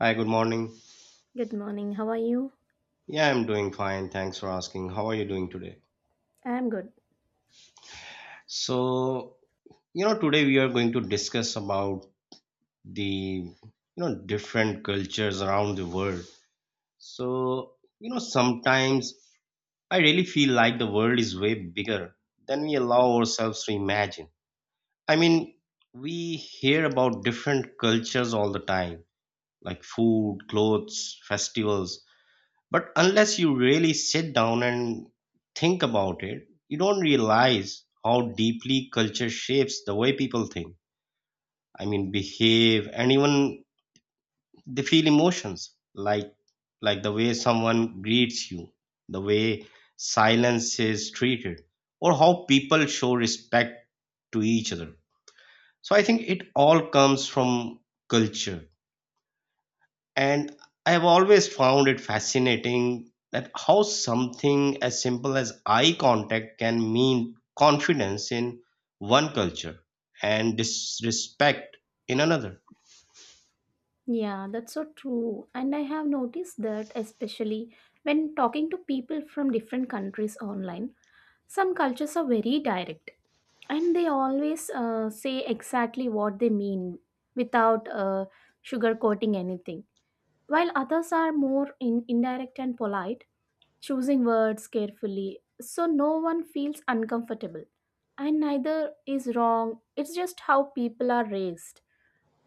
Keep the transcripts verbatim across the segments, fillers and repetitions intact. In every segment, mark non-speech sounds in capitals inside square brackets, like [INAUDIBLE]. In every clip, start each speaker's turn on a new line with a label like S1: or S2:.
S1: Hi, good morning.
S2: Good morning. How are you?
S1: Yeah, I'm doing fine. Thanks for asking. How are you doing today?
S2: I'm good.
S1: So, you know, today we are going to discuss about the, you know, different cultures around the world. So, you know, sometimes I really feel like the world is way bigger than we allow ourselves to imagine. I mean, we hear about different cultures all the time, like food, clothes, festivals. But unless you really sit down and think about it, you don't realize how deeply culture shapes the way people think. I mean, behave, and even they feel emotions like like the way someone greets you, the way silence is treated, or how people show respect to each other. So I think it all comes from culture. And I've always found it fascinating that how something as simple as eye contact can mean confidence in one culture and disrespect in another.
S2: Yeah, that's so true. And I have noticed that, especially when talking to people from different countries online, some cultures are very direct and they always uh, say exactly what they mean without uh, sugarcoating anything, while others are more in- indirect and polite, choosing words carefully so no one feels uncomfortable. And neither is wrong, it's just how people are raised.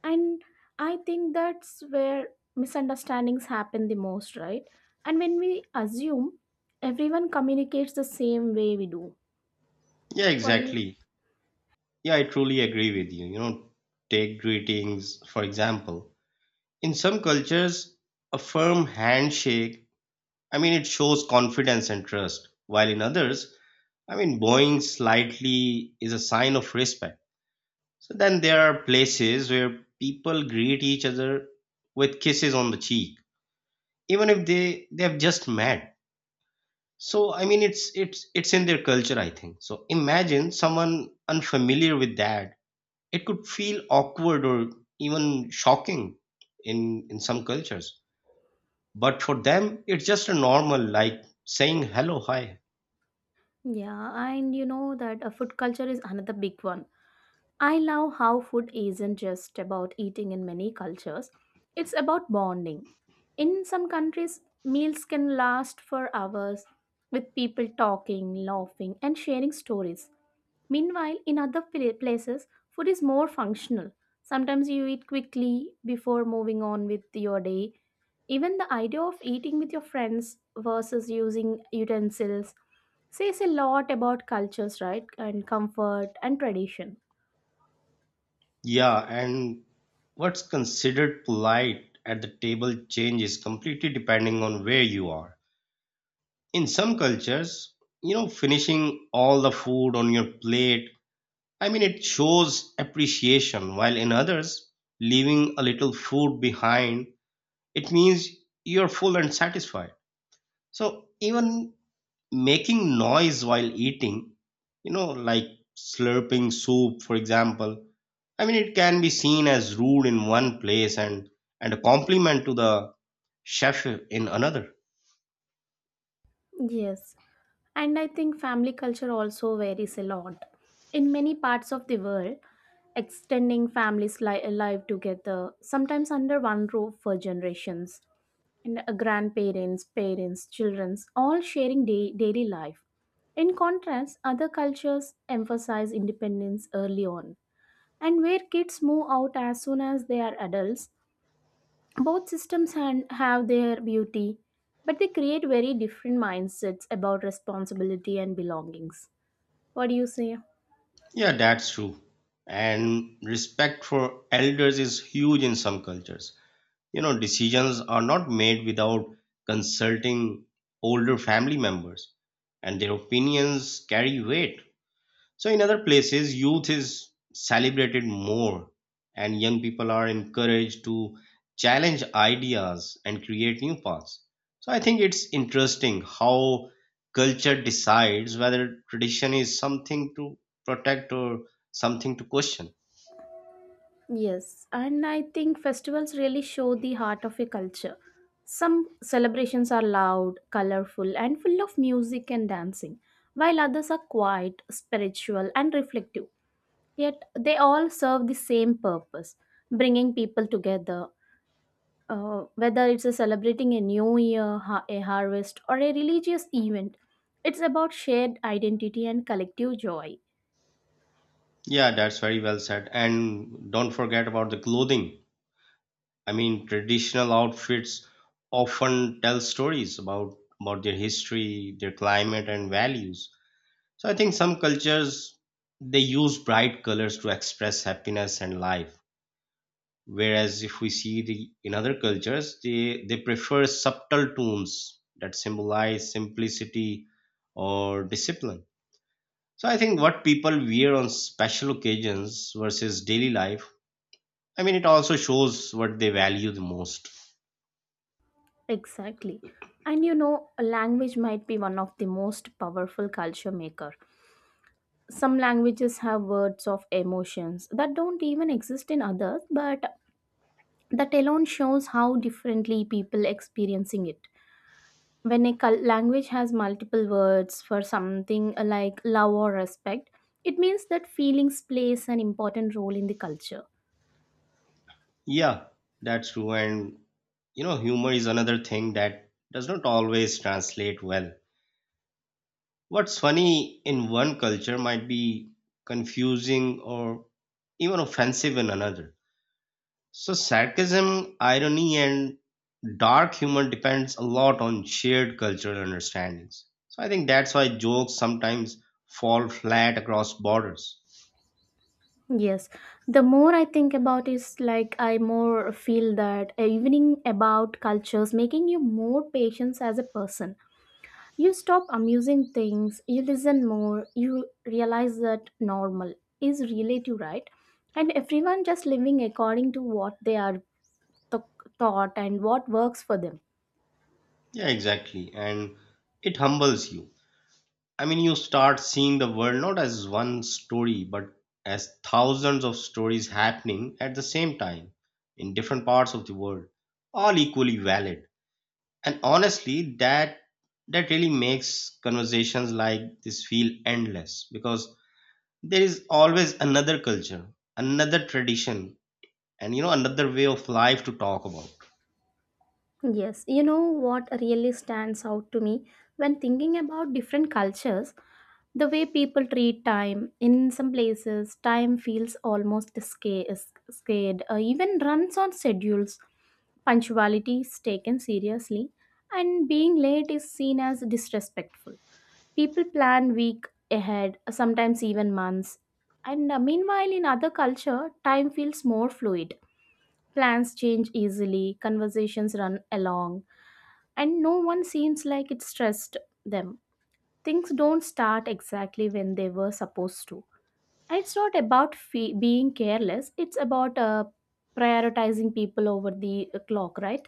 S2: And I think that's where misunderstandings happen the most, right? And when we assume everyone communicates the same way we do.
S1: Yeah,
S2: What do you
S1: exactly. Yeah, I truly agree with you. You know, take greetings, for example. In some cultures, a firm handshake, I mean, it shows confidence and trust, while in others, I mean, bowing slightly is a sign of respect. So then there are places where people greet each other with kisses on the cheek, even if they they have just met. So I mean, it's it's it's in their culture, I think. So imagine someone unfamiliar with that; it could feel awkward or even shocking in in some cultures. But for them, it's just a normal, like saying hello, hi.
S2: Yeah, and you know that uh, food culture is another big one. I love how food isn't just about eating in many cultures, it's about bonding. In some countries, meals can last for hours, with people talking, laughing and sharing stories. Meanwhile, in other pla- places, food is more functional. Sometimes you eat quickly before moving on with your day. Even the idea of eating with your friends versus using utensils says a lot about cultures, right? And comfort and tradition.
S1: Yeah, and what's considered polite at the table changes completely depending on where you are. In some cultures, you know, finishing all the food on your plate, i mean it shows appreciation, while in others, leaving a little food behind, it means you're full and satisfied. So even making noise while eating, you know like slurping soup for example, i mean it can be seen as rude in one place and and a compliment to the chef in another.
S2: Yes. And I think family culture also varies a lot. In many parts of the world, extending families li- live together, sometimes under one roof for generations, and uh, grandparents, parents, children, all sharing day- daily life. In contrast, other cultures emphasize independence early on, and where kids move out as soon as they are adults, both systems han- have their beauty, but they create very different mindsets about responsibility and belongings. What do you say?
S1: Yeah, that's true. And respect for elders is huge in some cultures. You know, decisions are not made without consulting older family members, and their opinions carry weight. So in other places, youth is celebrated more and young people are encouraged to challenge ideas and create new paths. So I think it's interesting how culture decides whether tradition is something to protect or something to question.
S2: Yes, and I think festivals really show the heart of a culture. Some celebrations are loud, colorful, and full of music and dancing, while others are quiet, spiritual, and reflective. Yet they all serve the same purpose, bringing people together, uh, whether it's a celebrating a new year, ha- a harvest, or a religious event. It's about shared identity and collective joy.
S1: Yeah, that's very well said. And don't forget about the clothing. I mean, traditional outfits often tell stories about about their history, their climate, and values. So I think some cultures, they use bright colors to express happiness and life. Whereas if we see the in other cultures, they, they prefer subtle tones that symbolize simplicity or discipline. So I think what people wear on special occasions versus daily life, I mean it also shows what they value the most.
S2: Exactly. And you know, a language might be one of the most powerful culture maker. Some languages have words of emotions that don't even exist in others, but that alone shows how differently people experiencing it. When a cul- language has multiple words for something uh, like love or respect, it means that feelings plays an important role in the culture.
S1: Yeah, that's true. And you know, humor is another thing that does not always translate well. What's funny in one culture might be confusing or even offensive in another. So sarcasm, irony, and dark humor depends a lot on shared cultural understandings. So I think that's why jokes sometimes fall flat across borders.
S2: Yes, the more I think about is like I more feel that evening about cultures making you more patience as a person. You stop amusing things, you listen more, you realize that normal is relative, right? And everyone just living according to what they are th- taught and what works for them.
S1: Yeah, exactly. And it humbles you. I mean, you start seeing the world not as one story, but as thousands of stories happening at the same time in different parts of the world, all equally valid. And honestly, that that really makes conversations like this feel endless because there is always another culture, another tradition, and you know another way of life to talk about.
S2: Yes, you know what really stands out to me when thinking about different cultures? The way people treat time. In some places, time feels almost sca- scared, uh, even runs on schedules. Punctuality is taken seriously, and being late is seen as disrespectful. People plan week ahead, sometimes even months. And uh, meanwhile, in other culture, time feels more fluid. Plans change easily, conversations run along and no one seems like it stressed them. Things don't start exactly when they were supposed to. And it's not about fe- being careless, it's about uh, prioritizing people over the uh, clock, right?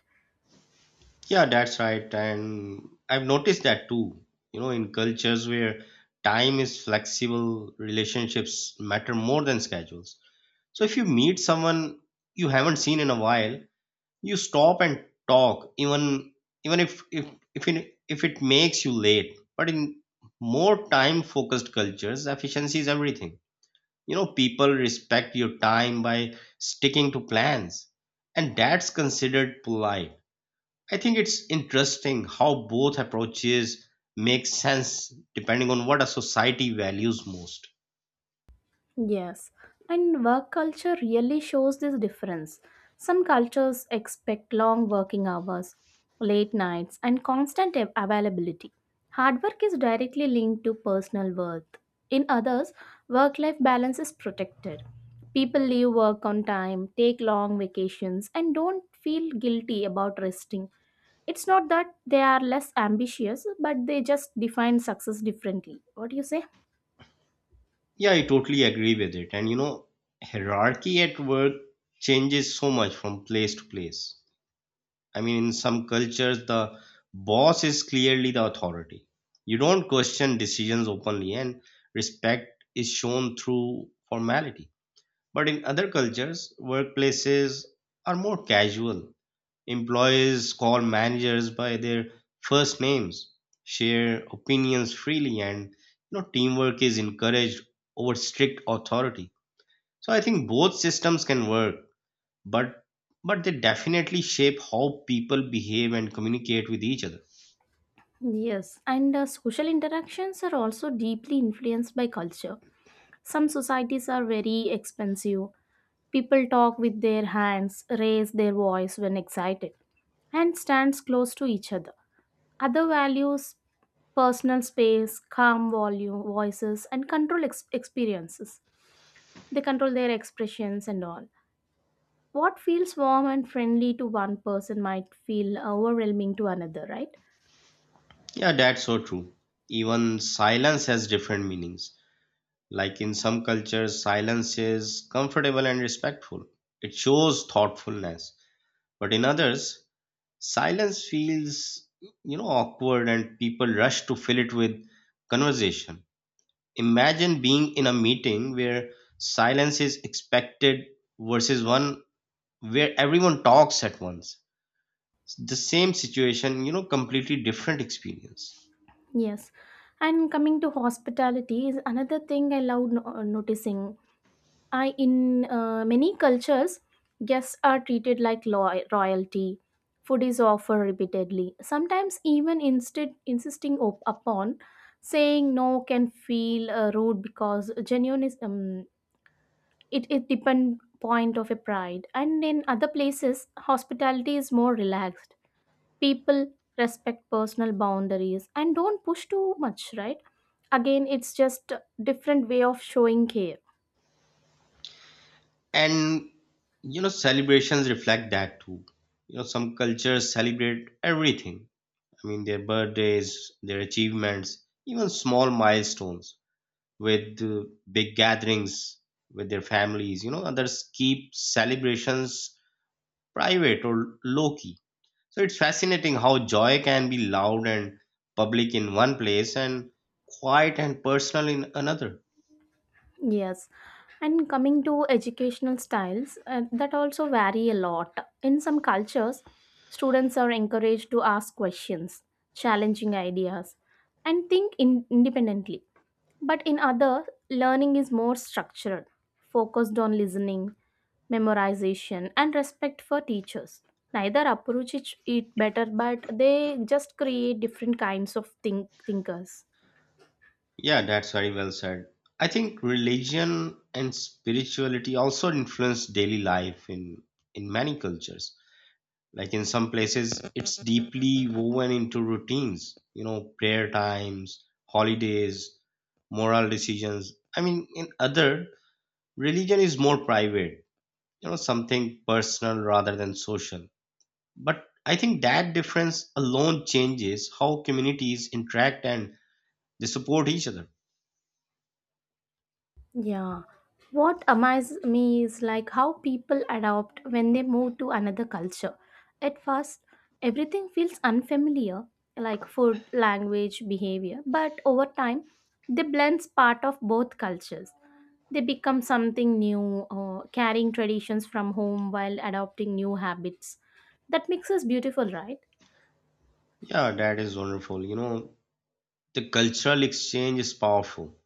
S1: Yeah, that's right. And I've noticed that too. You know, in cultures where time is flexible, relationships matter more than schedules. So if you meet someone you haven't seen in a while, you stop and talk, even even if if if it, if it makes you late. But in more time-focused cultures, efficiency is everything. You know, people respect your time by sticking to plans, and that's considered polite. I think it's interesting how both approaches make sense depending on what a society values most.
S2: Yes, and work culture really shows this difference. Some cultures expect long working hours, late nights, and constant av- availability. Hard work is directly linked to personal worth. In others, work life balance is protected. People leave work on time, take long vacations, and don't feel guilty about resting. It's not that they are less ambitious, but they just define success differently. What do you say?
S1: Yeah, I totally agree with it. And you know, hierarchy at work changes so much from place to place. I mean, in some cultures, the boss is clearly the authority. You don't question decisions openly, and respect is shown through formality. But in other cultures, workplaces are more casual. Employees call managers by their first names, share opinions freely, and you know teamwork is encouraged over strict authority. So I think both systems can work, but but they definitely shape how people behave and communicate with each other.
S2: Yes, and uh, social interactions are also deeply influenced by culture. Some societies are very expensive. People talk with their hands, raise their voice when excited, and stands close to each other. Other values personal space, calm volume, voices, and control ex- experiences. They control their expressions and all. What feels warm and friendly to one person might feel overwhelming to another, right?
S1: Yeah, that's so true. Even silence has different meanings. Like in some cultures, silence is comfortable and respectful. It shows thoughtfulness. But in others, silence feels, you know, awkward and people rush to fill it with conversation. Imagine being in a meeting where silence is expected versus one where everyone talks at once. The same situation, you know, completely different experience.
S2: Yes. And coming to hospitality is another thing I love no- uh, noticing. I in uh, many cultures, guests are treated like lo- royalty. Food is offered repeatedly, sometimes even instead insisting op- upon saying no can feel uh, rude because genuine is um, it it depend point of a pride. And in other places, hospitality is more relaxed. People respect personal boundaries and don't push too much, right? Again, it's just a different way of showing care.
S1: And you know celebrations reflect that too. You know, some cultures celebrate everything, i mean their birthdays, their achievements, even small milestones with uh, big gatherings with their families. You know, others keep celebrations private or low key. So it's fascinating how joy can be loud and public in one place and quiet and personal in another.
S2: Yes, and coming to educational styles, uh, that also vary a lot. In some cultures, students are encouraged to ask questions, challenging ideas, and think in- independently. But in other, learning is more structured, focused on listening, memorization, and respect for teachers. Neither approach it it better, but they just create different kinds of think- thinkers.
S1: Yeah, that's very well said. I think religion and spirituality also influence daily life in in many cultures. Like in some places it's deeply woven into routines, you know, prayer times, holidays, moral decisions. I mean in other, religion is more private, you know, something personal rather than social. But I think that difference alone changes how communities interact and they support each other.
S2: Yeah. What amazes me is like how people adopt when they move to another culture. At first, everything feels unfamiliar, like food, language, behavior, but over time, they blend part of both cultures. They become something new, uh, carrying traditions from home while adopting new habits. That mix is beautiful, right?
S1: Yeah, that is wonderful. You know, the cultural exchange is powerful.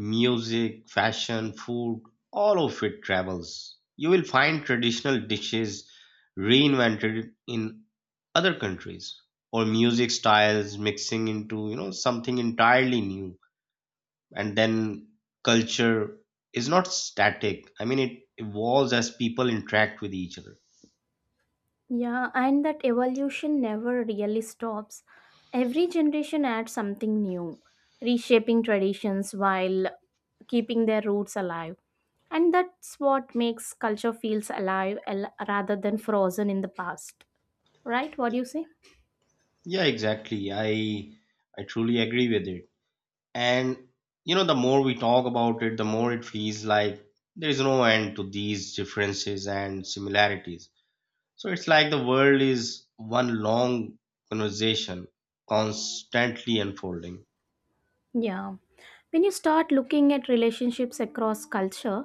S1: Music, fashion, food, all of it travels. You will find traditional dishes reinvented in other countries or music styles mixing into, you know, something entirely new. And then culture is not static. I mean, it evolves as people interact with each other.
S2: Yeah, and that evolution never really stops. Every generation adds something new, reshaping traditions while keeping their roots alive. And that's what makes culture feels alive al- rather than frozen in the past. Right? What do you say?
S1: Yeah, exactly. I I truly agree with it. And you know, the more we talk about it, the more it feels like there is no end to these differences and similarities. So it's like the world is one long conversation constantly unfolding.
S2: Yeah. When you start looking at relationships across culture,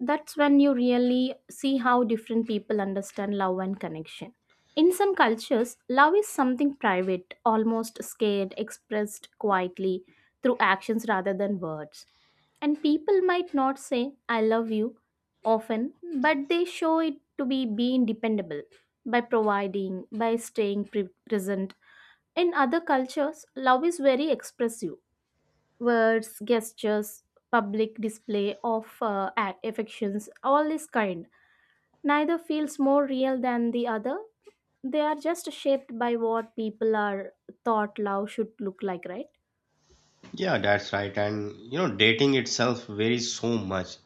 S2: that's when you really see how different people understand love and connection. In some cultures, love is something private, almost scared, expressed quietly through actions rather than words. And people might not say, I love you often, but they show it to be being dependable by providing, by staying pre- present. In other cultures, love is very expressive words, gestures, public display of uh, act, affections, all is kind. Neither feels more real than the other. They are just shaped by what people are thought love should look like, right?
S1: Yeah, that's right. And you know, dating itself varies so much.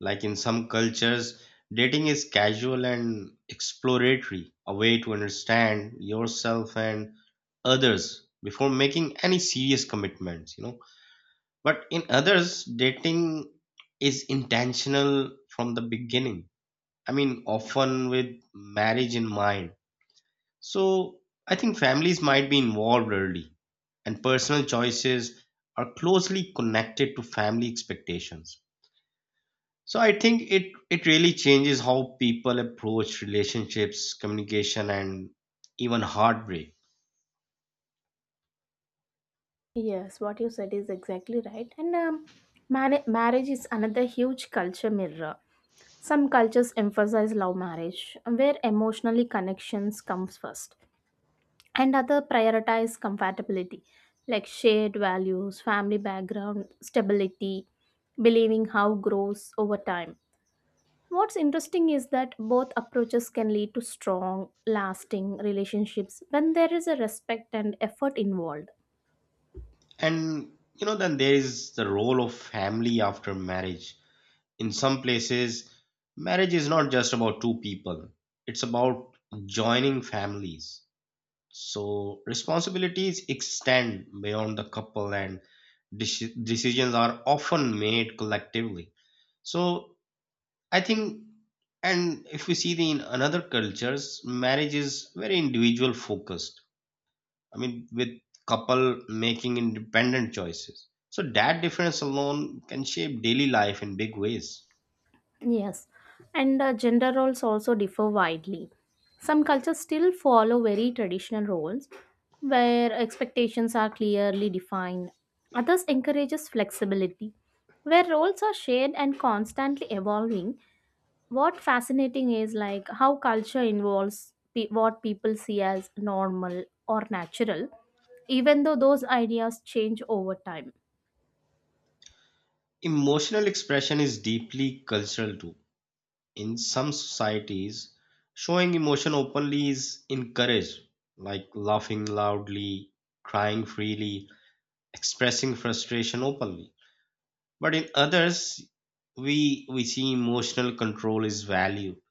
S1: Like in some cultures, dating is casual and exploratory, a way to understand yourself and others before making any serious commitments, you know. But in others, dating is intentional from the beginning, I mean often with marriage in mind. So I think families might be involved early and personal choices are closely connected to family expectations. So I think it it really changes how people approach relationships, communication, and even heartbreak.
S2: Yes, what you said is exactly right. And um, mani- marriage is another huge culture mirror. Some cultures emphasize love marriage, where emotionally connections comes first. And other prioritize compatibility, like shared values, family background, stability, believing how grows over time. What's interesting is that both approaches can lead to strong lasting relationships when there is a respect and effort involved.
S1: And you know then there is the role of family after marriage. In some places, marriage is not just about two people, it's about joining families. So, responsibilities extend beyond the couple, and deci- decisions are often made collectively. So, I think, and if we see the in another cultures, marriage is very individual focused. I mean, with couple making independent choices. So, that difference alone can shape daily life in big ways.
S2: Yes, and uh, gender roles also differ widely. Some cultures still follow very traditional roles where expectations are clearly defined. Others encourages flexibility where roles are shared and constantly evolving. What fascinating is like how culture involves pe- what people see as normal or natural even though those ideas change over time.
S1: Emotional expression is deeply cultural too. In some societies, showing emotion openly is encouraged, like laughing loudly, crying freely, expressing frustration openly. But in others, we we see emotional control is valued.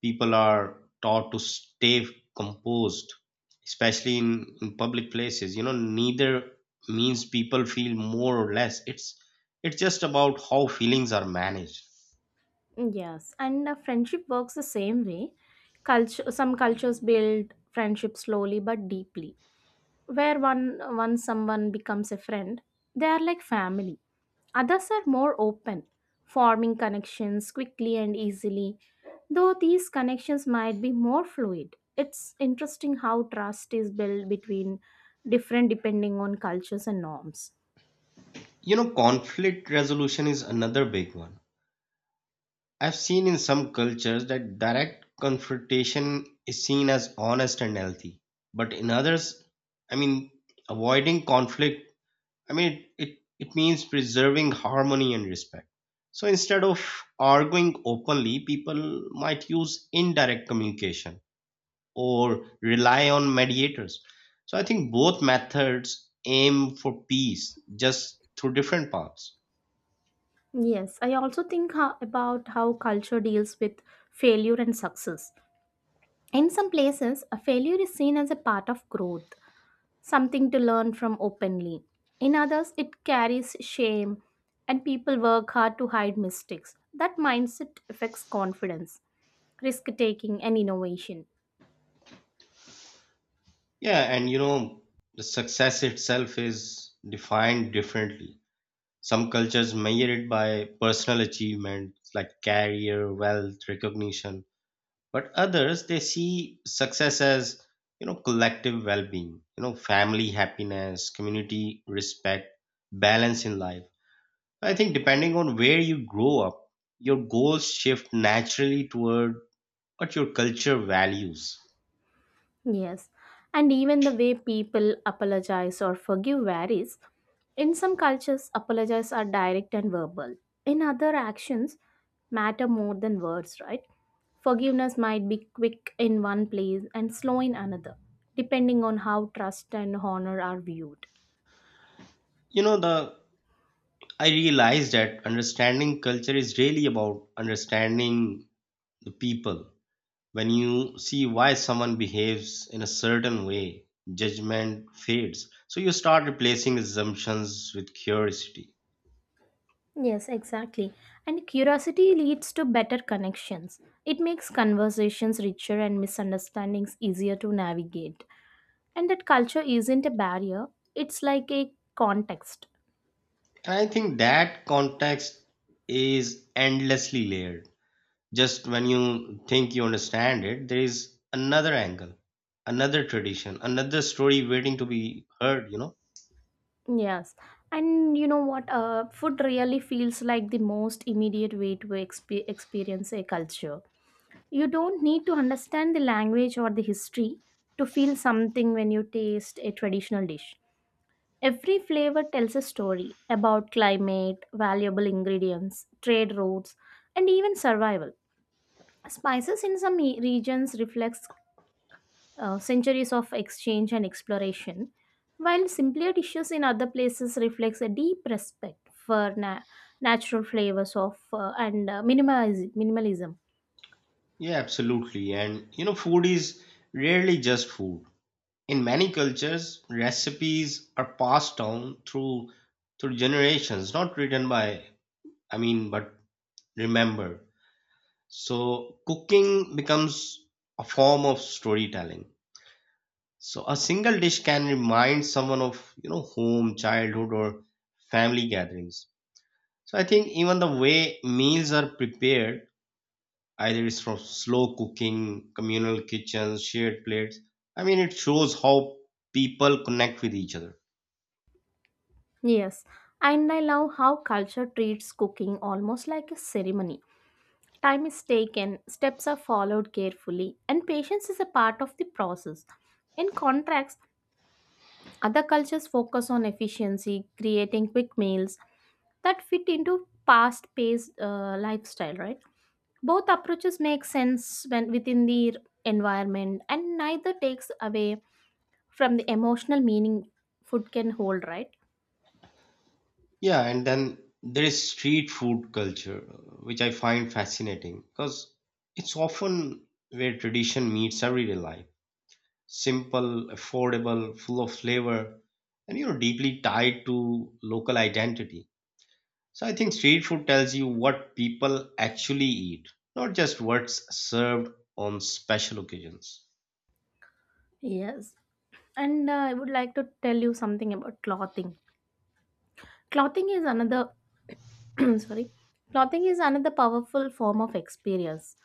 S1: People are taught to stay composed, especially in in public places. You know, neither means people feel more or less. It's it's just about how feelings are managed.
S2: Yes, and uh, friendship works the same way. Culture, some cultures build friendship slowly but deeply. Where one once someone becomes a friend, they are like family. Others are more open, forming connections quickly and easily. Though these connections might be more fluid, it's interesting how trust is built between different depending on cultures and norms.
S1: You know, conflict resolution is another big one. I've seen in some cultures that direct confrontation is seen as honest and healthy, but in others, I mean, avoiding conflict, I mean, it, it means preserving harmony and respect. So instead of arguing openly, people might use indirect communication or rely on mediators. So I think both methods aim for peace, just through different paths.
S2: Yes, I also think ho- about how culture deals with failure and success. In some places, a failure is seen as a part of growth, something to learn from openly. In others, it carries shame, and people work hard to hide mistakes. That mindset affects confidence, risk taking, and innovation.
S1: Yeah, and you know, the success itself is defined differently. Some cultures measure it by personal achievements like career, wealth, recognition, but others they see success as, you know, collective well-being, you know, family happiness, community respect, balance in life. I think depending on where you grow up, your goals shift naturally toward what your culture values.
S2: Yes, and even the way people apologize or forgive varies. In some cultures, apologies are direct and verbal. In other, actions matter more than words, right? Forgiveness might be quick in one place and slow in another, depending on how trust and honor are viewed.
S1: You know, the I realized that understanding culture is really about understanding the people. When you see why someone behaves in a certain way, judgment fades. So you start replacing assumptions with curiosity.
S2: Yes, exactly. And curiosity leads to better connections. It makes conversations richer and misunderstandings easier to navigate. And that culture isn't a barrier, it's like a context.
S1: And I think that context is endlessly layered. Just when you think you understand it, there is another angle, another tradition, another story waiting to be heard, you know.
S2: Yes, and you know what, uh, food really feels like the most immediate way to exp- experience a culture. You don't need to understand the language or the history to feel something when you taste a traditional dish. Every flavor tells a story about climate, valuable ingredients, trade routes, and even survival. Spices in some e- regions reflects uh, centuries of exchange and exploration, while simpler dishes in other places reflects a deep respect for na- natural flavors of uh, and uh, minimaliz- minimalism.
S1: Yeah, absolutely. And you know, food is rarely just food. In many cultures, recipes are passed down through through generations, not written by, I mean, but remembered. So cooking becomes a form of storytelling. So a single dish can remind someone of, you know, home, childhood, or family gatherings. So I think even the way meals are prepared, either it's from slow cooking, communal kitchens, shared plates. I mean, it shows how people connect with each other.
S2: Yes, and I love how culture treats cooking almost like a ceremony. Time is taken, steps are followed carefully, and patience is a part of the process. In contrast, other cultures focus on efficiency, creating quick meals that fit into past-paced uh, lifestyle, right? Both approaches make sense when within the environment, and neither takes away from the emotional meaning food can hold, right?
S1: Yeah, and then there is street food culture, which I find fascinating because it's often where tradition meets everyday life. Simple, affordable, full of flavor, and you know, deeply tied to local identity. So I think street food tells you what people actually eat, not just what's served on special occasions.
S2: Yes, and uh, I would like to tell you something about clothing. Clothing is another [CLEARS THROAT] sorry, clothing is another powerful form of experience.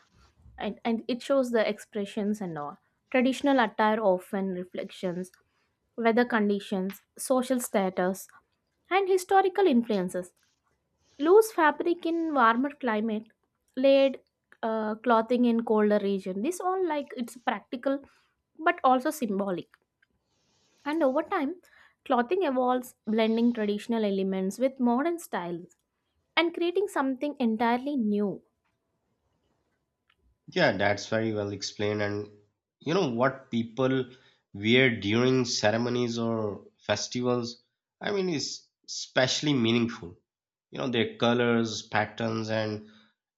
S2: And, and it shows the expressions and all. Traditional attire often reflections weather conditions, social status, and historical influences. Loose fabric in warmer climate, laid uh, clothing in colder region, this all like it's practical but also symbolic. And over time, clothing evolves, blending traditional elements with modern styles and creating something entirely new.
S1: Yeah, that's very well explained. And you know what people wear during ceremonies or festivals? I mean, is especially meaningful. You know, their colors, patterns, and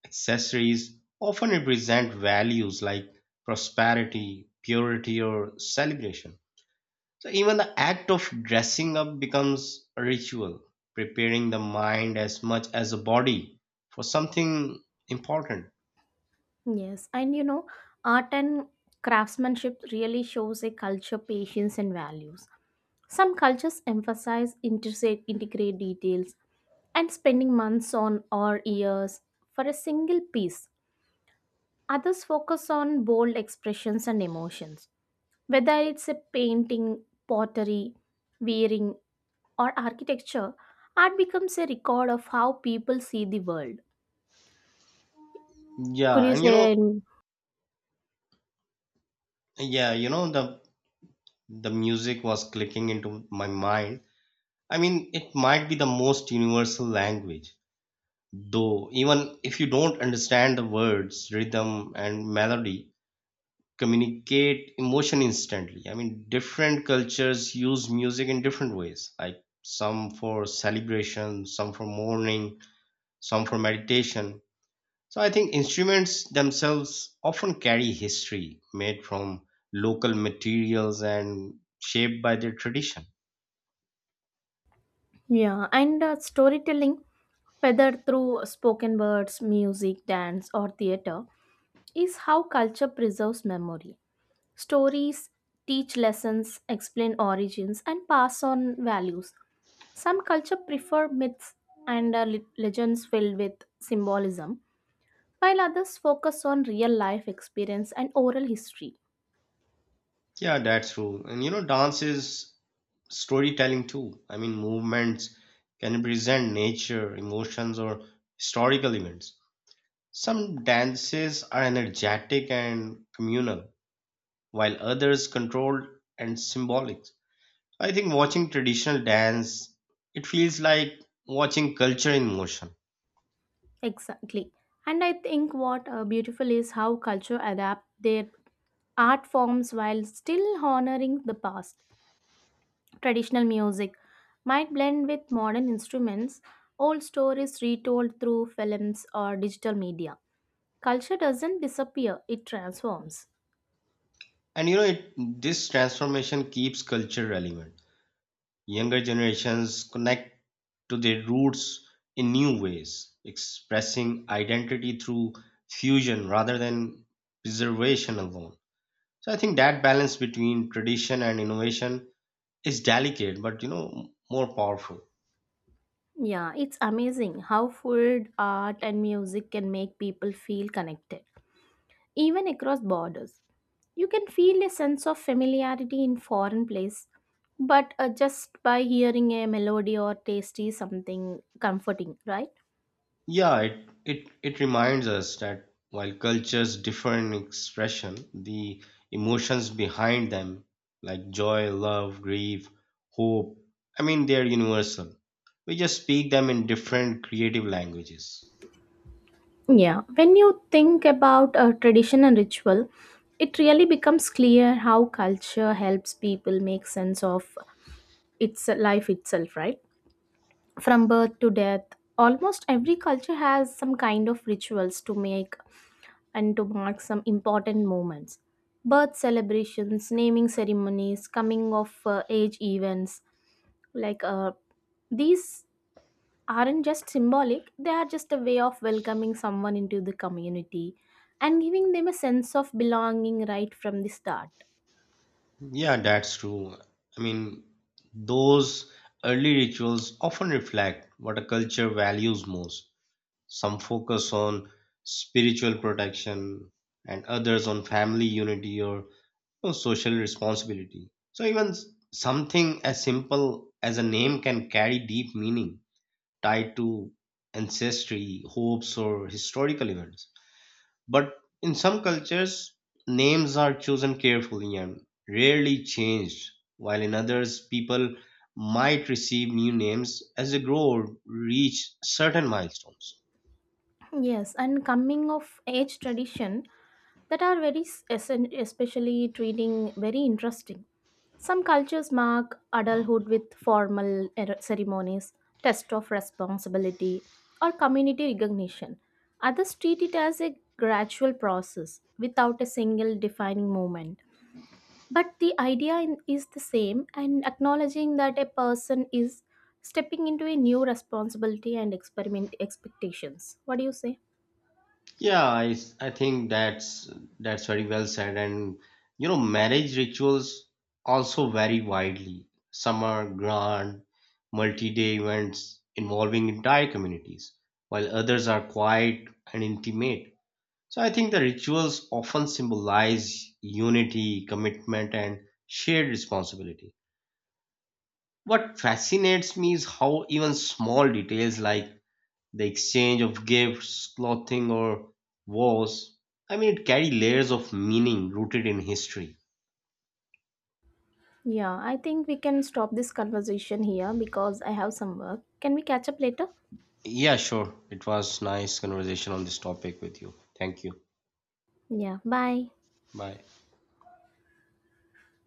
S1: accessories often represent values like prosperity, purity, or celebration. So even the act of dressing up becomes a ritual, preparing the mind as much as the body for something important.
S2: Yes, and you know, art and craftsmanship really shows a culture patience and values. Some cultures emphasize interstate integrate details and spending months on or years for a single piece. Others focus on bold expressions and emotions. Whether it's a painting, pottery, wearing, or architecture, art becomes a record of how people see the world. Could
S1: Yeah,
S2: you
S1: and you
S2: say,
S1: know, yeah, you know the the music was clicking into my mind. I mean, it might be the most universal language, though even if you don't understand the words, rhythm and melody communicate emotion instantly. I mean, different cultures use music in different ways, like some for celebration, some for mourning, some for meditation. So I think instruments themselves often carry history made from local materials and shaped by their tradition.
S2: yeah, and uh, storytelling, whether through spoken words, music, dance, or theater, is how culture preserves memory. Stories teach lessons, explain origins, and pass on values. Some cultures prefer myths and uh, le- legends filled with symbolism, while others focus on real life experience and oral history.
S1: Yeah, that's true. And you know, dance is storytelling too. I mean, movements can represent nature, emotions, or historical events. Some dances are energetic and communal, while others controlled and symbolic. I think watching traditional dance, it feels like watching culture in motion.
S2: Exactly. And I think what uh, beautiful is how culture adapt their art forms while still honoring the past. Traditional music might blend with modern instruments, old stories retold through films or digital media. Culture doesn't disappear, it transforms.
S1: And you know, it, this transformation keeps culture relevant. Younger generations connect to their roots in new ways, expressing identity through fusion rather than preservation alone. So I think that balance between tradition and innovation is delicate, but you know, more powerful.
S2: Yeah, it's amazing how food, art, and music can make people feel connected, even across borders. You can feel a sense of familiarity in foreign place, but uh, just by hearing a melody or tasty something comforting, right?
S1: Yeah, it, it, it reminds us that while cultures differ in expression, the emotions behind them, like joy, love, grief, hope, I mean, they're universal. We just speak them in different creative languages.
S2: Yeah, when you think about a tradition and ritual, it really becomes clear how culture helps people make sense of its life itself, right? From birth to death, almost every culture has some kind of rituals to make and to mark some important moments. Birth celebrations, naming ceremonies, coming of uh, age events, like uh, these aren't just symbolic, they are just a way of welcoming someone into the community and giving them a sense of belonging right from the start.
S1: Yeah, that's true. I mean, those early rituals often reflect what a culture values most. Some focus on spiritual protection, and others on family unity or know, social responsibility. So even s- something as simple as a name can carry deep meaning tied to ancestry, hopes, or historical events. But in some cultures, names are chosen carefully and rarely changed, while in others, people might receive new names as they grow or reach certain milestones.
S2: Yes, and coming of age tradition that are very s- essen- especially treating very interesting. Some cultures mark adulthood with formal er- ceremonies, test of responsibility, or community recognition. Others treat it as a gradual process without a single defining moment. But the idea in- is the same, and acknowledging that a person is stepping into a new responsibility and experiment expectations. What do you say?
S1: Yeah, I, s- I think that's that's very well said. And you know, marriage rituals also vary widely. Some are grand, multi-day events involving entire communities, while others are quiet and intimate. So I think the rituals often symbolize unity, commitment, and shared responsibility. What fascinates me is how even small details like the exchange of gifts, clothing, or wars. I mean, it carry layers of meaning rooted in history.
S2: Yeah, I think we can stop this conversation here because I have some work. Can we catch up later?
S1: Yeah, sure. It was nice conversation on this topic with you. Thank you.
S2: Yeah, bye.
S1: Bye.